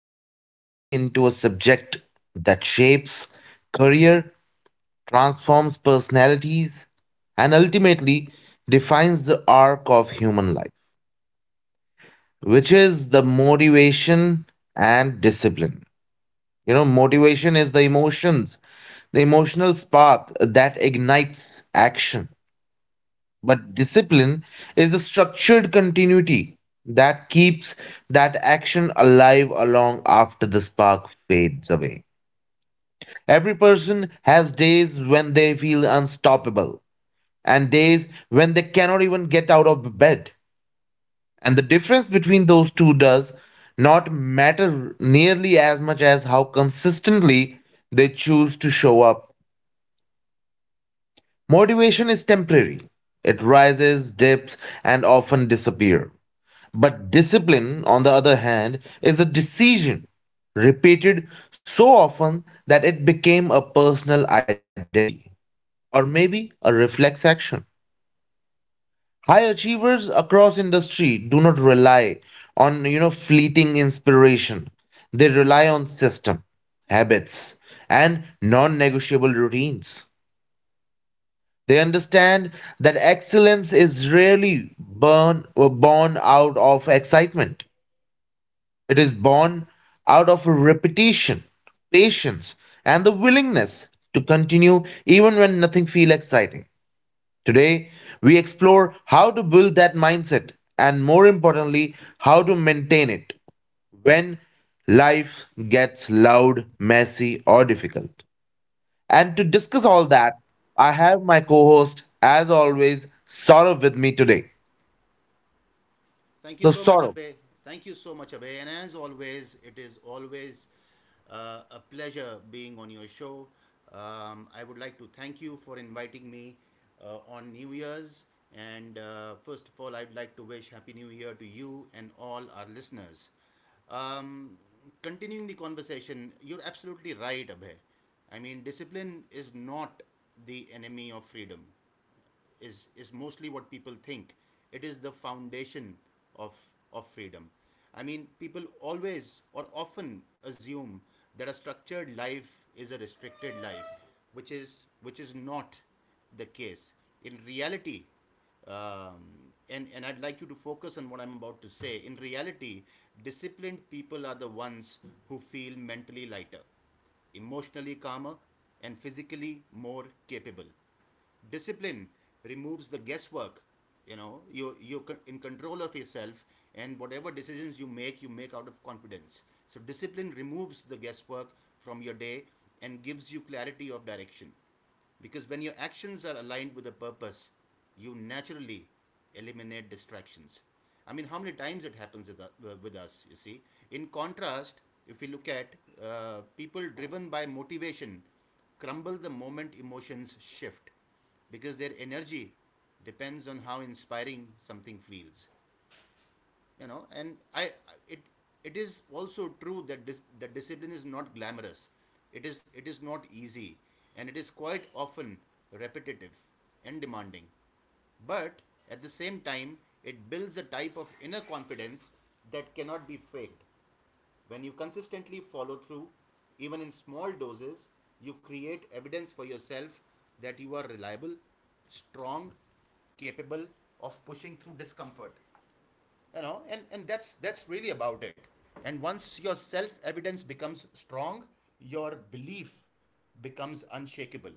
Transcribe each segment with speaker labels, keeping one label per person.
Speaker 1: we are diving into a subject that shapes career, transforms personalities, and ultimately defines the arc of human life, which is the motivation and discipline. Motivation is the emotions, the emotional spark that ignites action. But discipline is the structured continuity that keeps that action alive along after the spark fades away. Every person has days when they feel unstoppable and days when they cannot even get out of bed. And the difference between those two does not matter nearly as much as how consistently they choose to show up. Motivation is temporary. It rises, dips, and often disappears. But discipline, on the other hand, is a decision repeated so often that it became a personal identity or maybe a reflex action. High achievers across industry do not rely on fleeting inspiration. They rely on system, habits, and non-negotiable routines. They understand that excellence is rarely born out of excitement. It is born out of repetition, patience, and the willingness to continue even when nothing feels exciting. Today, we explore how to build that mindset and, more importantly, how to maintain it when life gets loud, messy, or difficult. And to discuss all that, I have my co host, as always, Saurav, with me today.
Speaker 2: Thank
Speaker 1: So,
Speaker 2: you so much,
Speaker 1: Saurav,
Speaker 2: Abhay. And as always, it is always a pleasure being on your show. I would like to thank you for inviting me on New Year's. And first of all, I'd like to wish Happy New Year to you and all our listeners. Um, Continuing the conversation, you're absolutely right, Abhay. I mean, discipline is not the enemy of freedom is mostly what people think. It is the foundation of of freedom. I mean, people always or often assume that a structured life is a restricted life, which is not the case. In reality, um, and I'd like you to focus on what I'm about to say. In reality, disciplined people are the ones who feel mentally lighter, emotionally calmer, and physically more capable. Discipline removes the guesswork. You know, you're in control of yourself, and whatever decisions you make, you make out of confidence. So discipline removes the guesswork from your day and gives you clarity of direction, because when your actions are aligned with a purpose, you naturally eliminate distractions. I mean, how many times it happens with, with us, you see? In contrast, if we look at people driven by motivation, crumble the moment emotions shift because their energy depends on how inspiring something feels. You know, and I it it is also true that that discipline is not glamorous. It is not easy, and it is quite often repetitive and demanding. But at the same time, it builds a type of inner confidence that cannot be faked. When you consistently follow through, even in small doses, you create evidence for yourself that you are reliable, strong, capable of pushing through discomfort. You know, and that's really about it. And once your self evidence becomes strong, your belief becomes unshakable,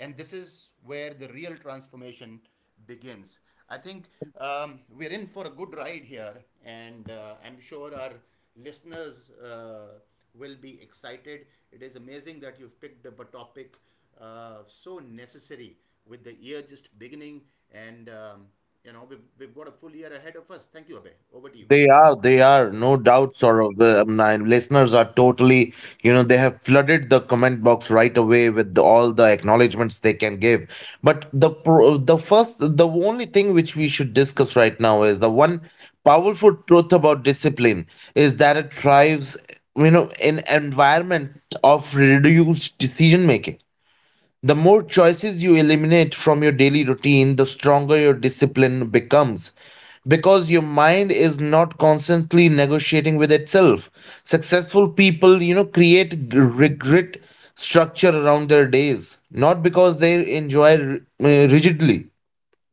Speaker 2: and this is where the real transformation begins. I think we're in for a good ride here, and I'm sure our listeners will be excited. It is amazing that you've picked up a topic so necessary with the year just beginning, and you know we've got a full year ahead of us. Thank you, Abhay. Over to you.
Speaker 1: they are, no doubts, or my listeners are totally, they have flooded the comment box right away with all the acknowledgements they can give. But the pro, the first, the only thing which we should discuss right now is the one powerful truth about discipline is that it thrives, in environment of reduced decision making. The more choices you eliminate from your daily routine, the stronger your discipline becomes because your mind is not constantly negotiating with itself. Successful people, create regret structure around their days, not because they enjoy rigidly,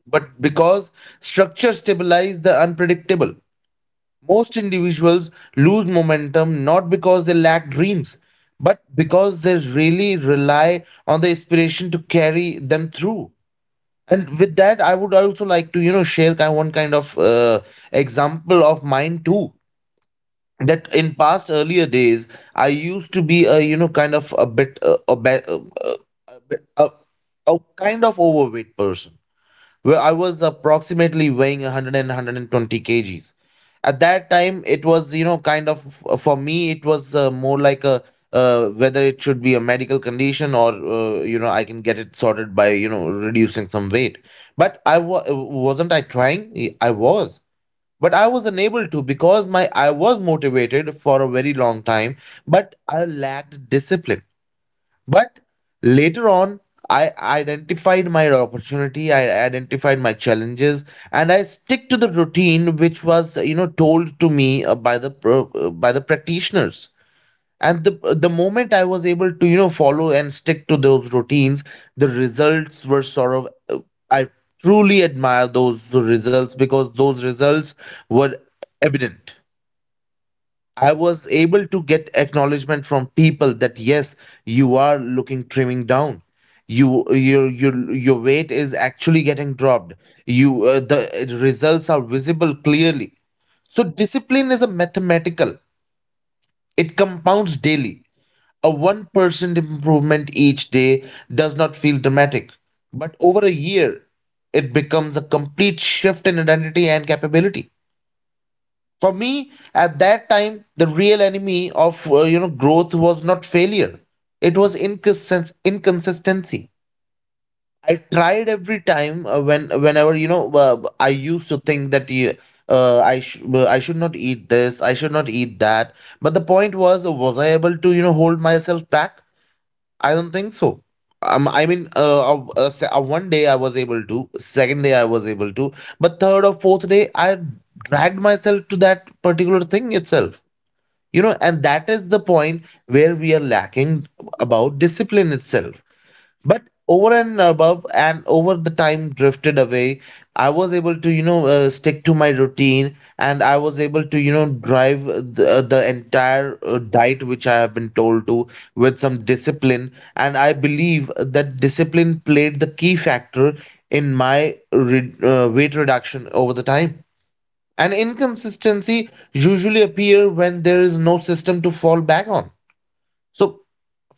Speaker 1: but because structure stabilize the unpredictable. Most individuals lose momentum not because they lack dreams, but because they really rely on the inspiration to carry them through. And with that, I would also like to, share one kind of example of mine too. That in past earlier days, I used to be a kind of a bit a, bit- a, a, kind of overweight person where I was approximately weighing 120 kgs. At that time, it was, kind of for me, it was more like a whether it should be a medical condition or, I can get it sorted by, reducing some weight. But I wasn't I trying? I was. But I was unable to because my I was motivated for a very long time, but I lacked discipline. But later on, I identified my opportunity, I identified my challenges, and I stick to the routine which was, told to me by by the practitioners. And the moment I was able to, follow and stick to those routines, the results were sort of. I truly admire those results because those results were evident. I was able to get acknowledgement from people that yes, you are looking trimming down. Your weight is actually getting dropped. You The results are visible clearly. So discipline is a mathematical. It compounds daily. A 1% improvement each day does not feel dramatic, but over a year it becomes a complete shift in identity and capability. For me at that time, the real enemy of growth was not failure. It was inconsistency. I tried every time whenever I used to think that I should not eat this. I should not eat that. But the point was I able to hold myself back? I don't think so. I mean, one day I was able to, second day I was able to, but third or fourth day I dragged myself to that particular thing itself. And that is the point where we are lacking about discipline itself. But over and above and over the time drifted away, I was able to stick to my routine, and I was able to drive the entire diet which I have been told to with some discipline. And I believe that discipline played the key factor in my weight reduction over the time. And inconsistency usually appear when there is no system to fall back on. So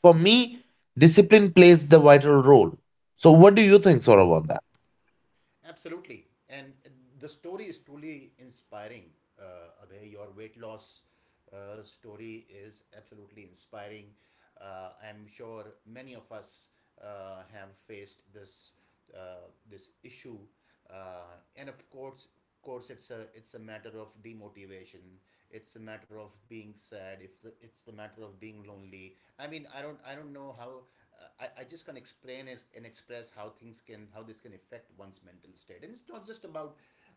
Speaker 1: for me, discipline plays the vital role. So, what do you think, Saurav, on that?
Speaker 2: Absolutely. And the story is truly inspiring. Abhay, your weight loss story is absolutely inspiring. I'm sure many of us have faced this issue, and of course, it's a matter of demotivation. It's a matter of being sad. If the, It's the matter of being lonely. I mean, I don't know how, I just can not explain and express how things can, how this can affect one's mental state. And it's not just about,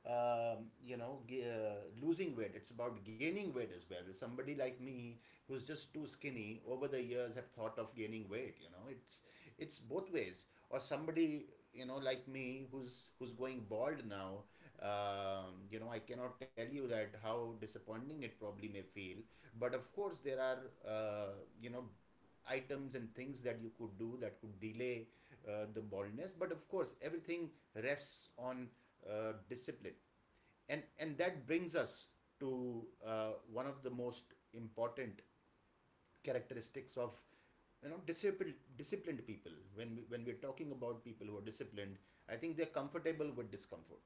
Speaker 2: you know, losing weight, it's about gaining weight as well. Somebody like me who's just too skinny over the years have thought of gaining weight. You know, it's both ways. Or somebody, you know, like me who's going bald now. You know, I cannot tell you that how disappointing it probably may feel. But of course there are, uh, you know, items and things that you could do that could delay the baldness. But of course everything rests on discipline. And that brings us to one of the most important characteristics of, you know, disciplined people. When we're talking about people who are disciplined, I think they're comfortable with discomfort.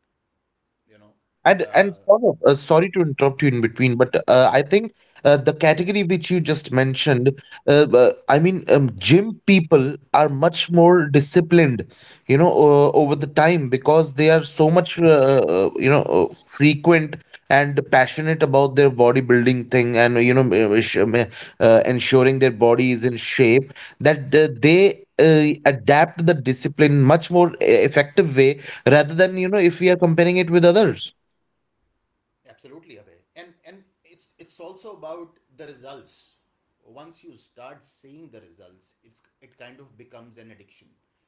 Speaker 2: You know,
Speaker 1: And
Speaker 2: uh,
Speaker 1: Saurabh, sorry to interrupt you in between, but I think the category which you just mentioned, I mean, gym people are much more disciplined, over the time because they are so much, frequent and passionate about their bodybuilding thing, and uh, sh- um, ensuring their body is in shape that they adapt the discipline much more effective way rather than if we are comparing it with others.
Speaker 2: absolutely, Abhay. And it's also about the results. Once you start seeing the results, it's it kind of becomes an addiction.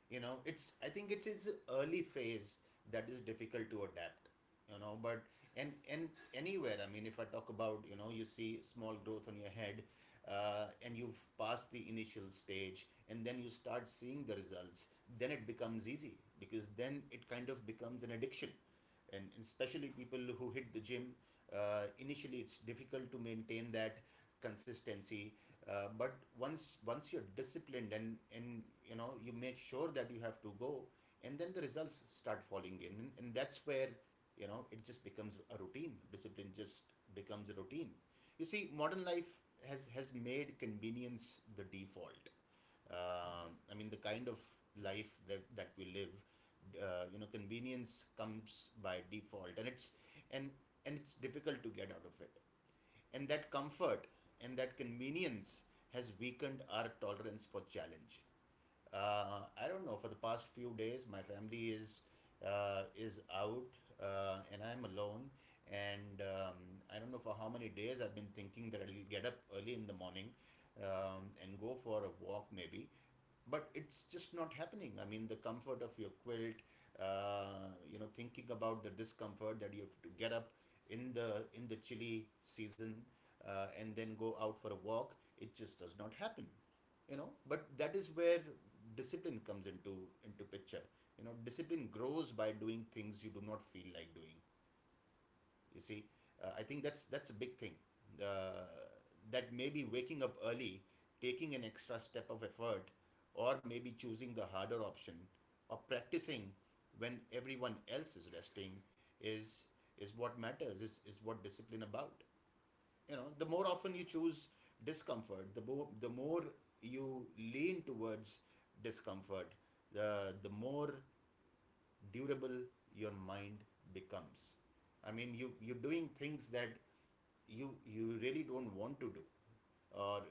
Speaker 2: You know, it's I think it is early phase that is difficult to adapt. You know, but and anywhere, I mean, if I talk about, you know, you see small growth on your head, and you've passed the initial stage, and then you start seeing the results, then it becomes easy, because then it kind of becomes an addiction. And especially people who hit the gym, initially it's difficult to maintain that consistency. But once you're disciplined and you know, you make sure that you have to go, and then the results start falling in, and that's where, you know, it just becomes a routine. Discipline just becomes a routine. You see, modern life has made convenience the default. I mean, the kind of life that we live, you know, convenience comes by default, and and it's difficult to get out of it. And that comfort and that convenience has weakened our tolerance for challenge. I don't know. For the past few days, my family is out, and I'm alone. And I don't know for how many days I've been thinking that I'll get up early in the morning, and go for a walk, maybe. But it's just not happening. I mean, the comfort of your quilt, you know, thinking about the discomfort that you have to get up in the chilly season, and then go out for a walk, it just does not happen. You know, but that is where discipline comes into picture. You know, discipline grows by doing things you do not feel like doing. You see, I think that's a big thing. Uh, that maybe waking up early, taking an extra step of effort, or maybe choosing the harder option, or practicing when everyone else is resting, is is what matters. Is what discipline about. You know, the more often you choose discomfort, the more you lean towards discomfort, the more durable your mind becomes. I mean, you're doing things that you really don't want to do, or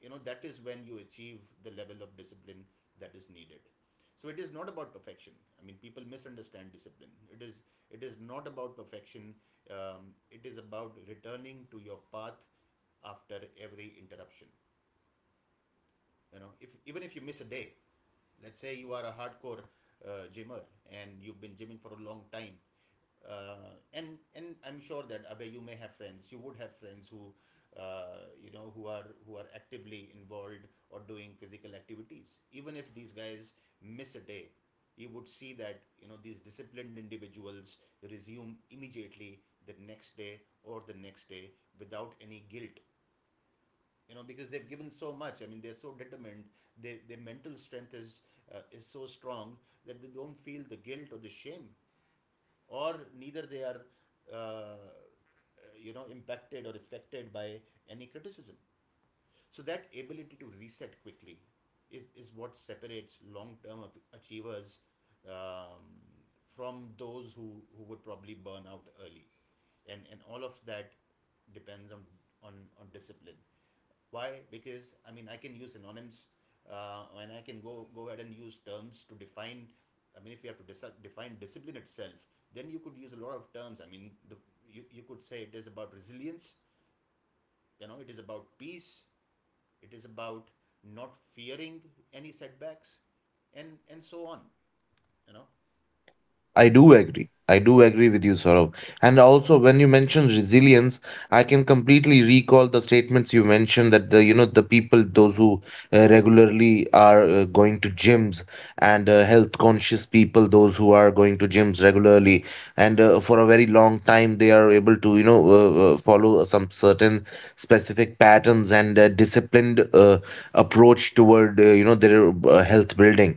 Speaker 2: you know, that is when you achieve the level of discipline that is needed. So it is not about perfection. I mean, people misunderstand discipline. It is not about perfection. It is about returning to your path after every interruption. You know, if even if you miss a day, let's say you are a hardcore gymmer and you've been gymming for a long time, and I'm sure that Abhay, you would have friends who, you know, who are actively involved or doing physical activities. Even if these guys miss a day, you would see that, you know, these disciplined individuals resume immediately the next day or the next day without any guilt. You know, because they've given so much. I mean, they're so determined. Their mental strength is, is so strong, that they don't feel the guilt or the shame, or neither they are uh, you know, impacted or affected by any criticism. So that ability to reset quickly is what separates long-term achievers um, from those who would probably burn out early. And all of that depends on, on discipline. Why? Because I mean, I can use synonyms and I can go ahead and use terms to define. I mean, if you have to define discipline itself, then you could use a lot of terms. I mean, you could say it is about resilience, you know, it is about peace, it is about not fearing any setbacks, and so on, you know.
Speaker 1: I do agree. I do agree with you, Saurabh. And also, when you mentioned resilience, I can completely recall the statements you mentioned, that the you know the people, those who regularly are going to gyms, and health conscious people, those who are going to gyms regularly, and for a very long time, they are able to follow some certain specific patterns and disciplined approach toward their health building.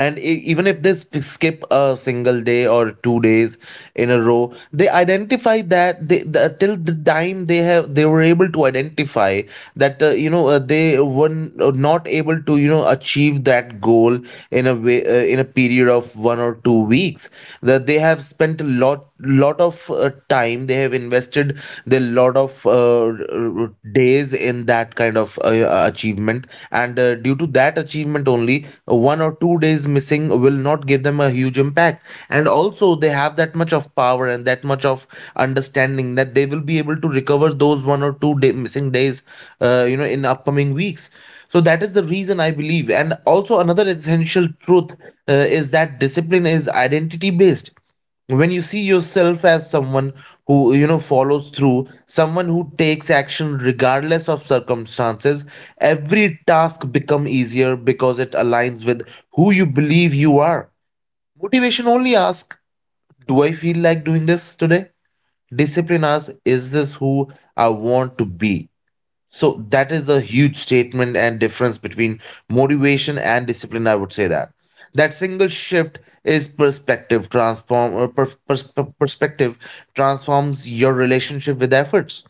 Speaker 1: And even if they skip a single day or 2 days in a row, they identify that till the time they were able to identify that they were not able to achieve that goal in a way, in a period of 1 or 2 weeks, that they have spent a lot of time. They have invested the lot of r- days in that kind of achievement. And due to that achievement only, 1 or 2 days missing will not give them a huge impact. And also they have that much of power and that much of understanding that they will be able to recover those 1 or 2 day missing days, in upcoming weeks. So that is the reason I believe. And also another essential truth uh, is that discipline is identity based. When you see yourself as someone who follows through, someone who takes action regardless of circumstances, every task become easier because it aligns with who you believe you are. Motivation only asks, do I feel like doing this today? Discipline asks, is this who I want to be? So that is a huge statement and difference between motivation and discipline. I would say that that single shift is perspective transform or per, pers- perspective transforms your relationship with efforts.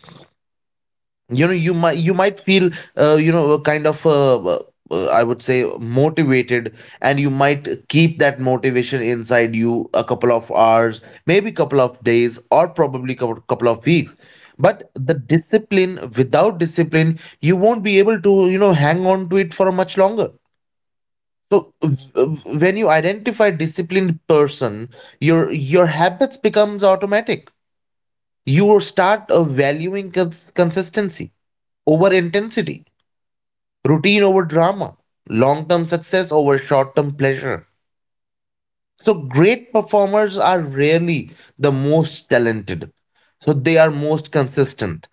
Speaker 1: You know, you might feel kind of I would say motivated, and you might keep that motivation inside you a couple of hours, maybe couple of days, or probably couple of weeks. But the discipline without discipline you won't be able to hang on to it for much longer. So when you identify disciplined person, your habits becomes automatic. You will start valuing consistency over intensity, routine over drama, long term success over short term pleasure. So, great performers are rarely the most talented. So, they are most consistent.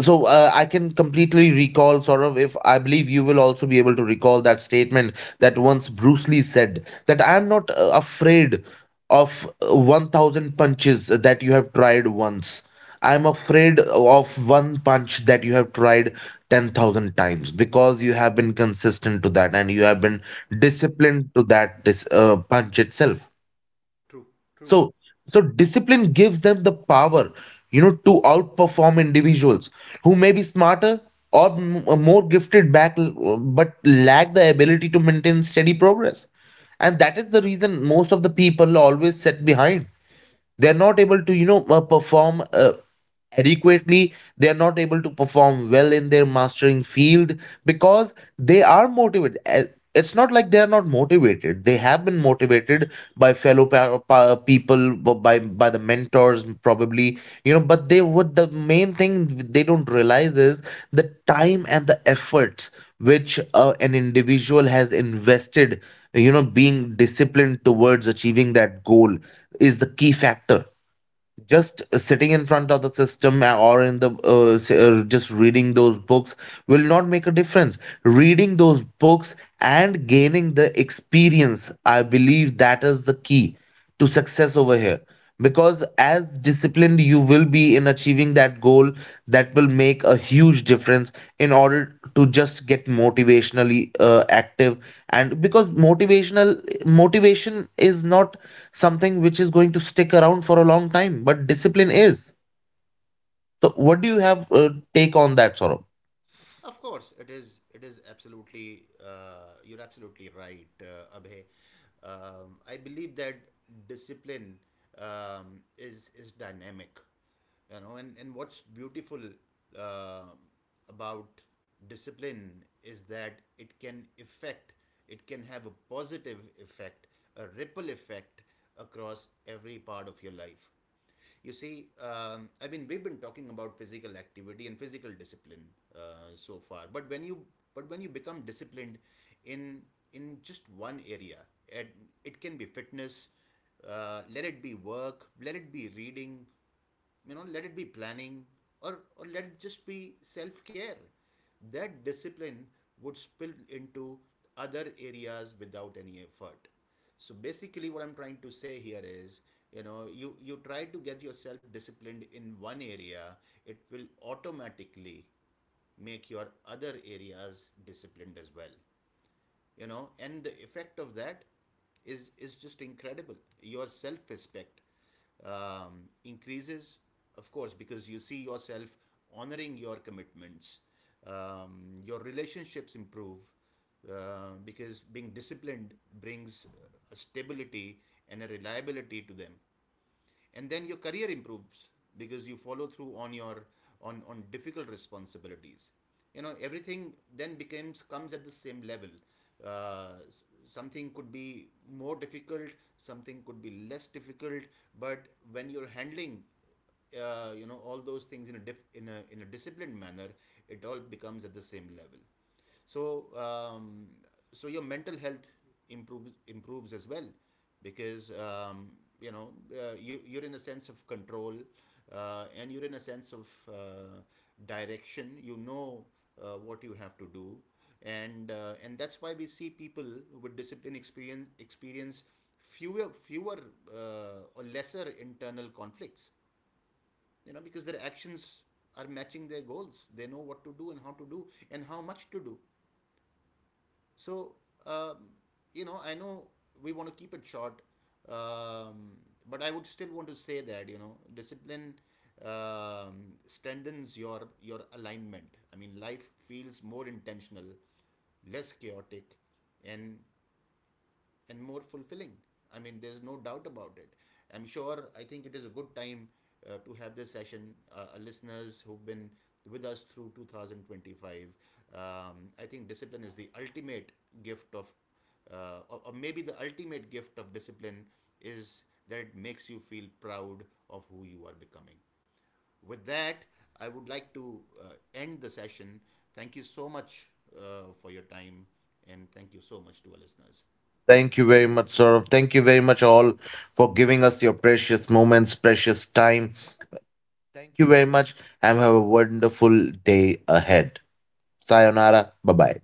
Speaker 1: So I can completely recall, Saurav, if I believe you will also be able to recall that statement, that once Bruce Lee said that I am not afraid of 1,000 punches that you have tried once. I am afraid of one punch that you have tried 10,000 times, because you have been consistent to that and you have been disciplined to that punch itself.
Speaker 2: True, true.
Speaker 1: So, so, discipline gives them the power, to outperform individuals who may be smarter or more gifted back, but lack the ability to maintain steady progress. And that is the reason most of the people always sit behind. They are not able to, perform adequately. They are not able to perform well in their mastering field because they are motivated. It's not like they are not motivated. They have been motivated by fellow people by the mentors probably, but they would. The main thing they don't realize is the time and the efforts which an individual has invested, being disciplined towards achieving that goal, is the key factor. Just sitting in front of the system or in the just reading those books will not make a difference. Reading those books and gaining the experience, I believe that is the key to success over here, because as disciplined you will be in achieving that goal, that will make a huge difference, in order to just get motivationally active. And because motivation is not something which is going to stick around for a long time, but discipline is. So, what do you have take on that, Saurabh?
Speaker 2: Of course, it is. It is absolutely. You're absolutely right, Abhay. I believe that discipline is dynamic, you know. And what's beautiful uh, about discipline is that it can affect. It can have a positive effect, a ripple effect across every part of your life. You see, I mean, we've been talking about physical activity and physical discipline so far, but when you become disciplined in just one area, it it can be fitness, let it be work, let it be reading, you know, let it be planning, or let it just be self-care. That discipline would spill into other areas without any effort. So basically, what I'm trying to say here is, you know, you try to get yourself disciplined in one area, it will automatically make your other areas disciplined as well. You know, and the effect of that is just incredible. Your self respect increases, of course, because you see yourself honoring your commitments. Your relationships improve, because being disciplined brings a stability and a reliability to them. And then your career improves, because you follow through on your, on difficult responsibilities. You know, everything then becomes comes at the same level. uh, Something could be more difficult, something could be less difficult, but when you're handling, you know, all those things in a in a disciplined manner, it all becomes at the same level. So so your mental health improves as well, because you know, you you're in a sense of control, and you're in a sense of direction. You know what you have to do, and that's why we see people with discipline experience fewer or lesser internal conflicts. You know, because their actions are matching their goals. They know what to do and how to do and how much to do. So um, you know, I know we want to keep it short, um, but I would still want to say that, you know, discipline strengthens your alignment. I mean, life feels more intentional, less chaotic, and and more fulfilling. I mean, there's no doubt about it. I'm sure, I think it is a good time to have this session. Our listeners who've been with us through 2025, um, I think discipline is the ultimate gift of, or maybe the ultimate gift of discipline is that it makes you feel proud of who you are becoming. With that, I would like to end the session. Thank you so much for your time, and thank you so much to our listeners.
Speaker 1: Thank you very much, Saurabh. Thank you very much all for giving us your precious moments, precious time. Thank you very much, and have a wonderful day ahead. Sayonara. Bye bye.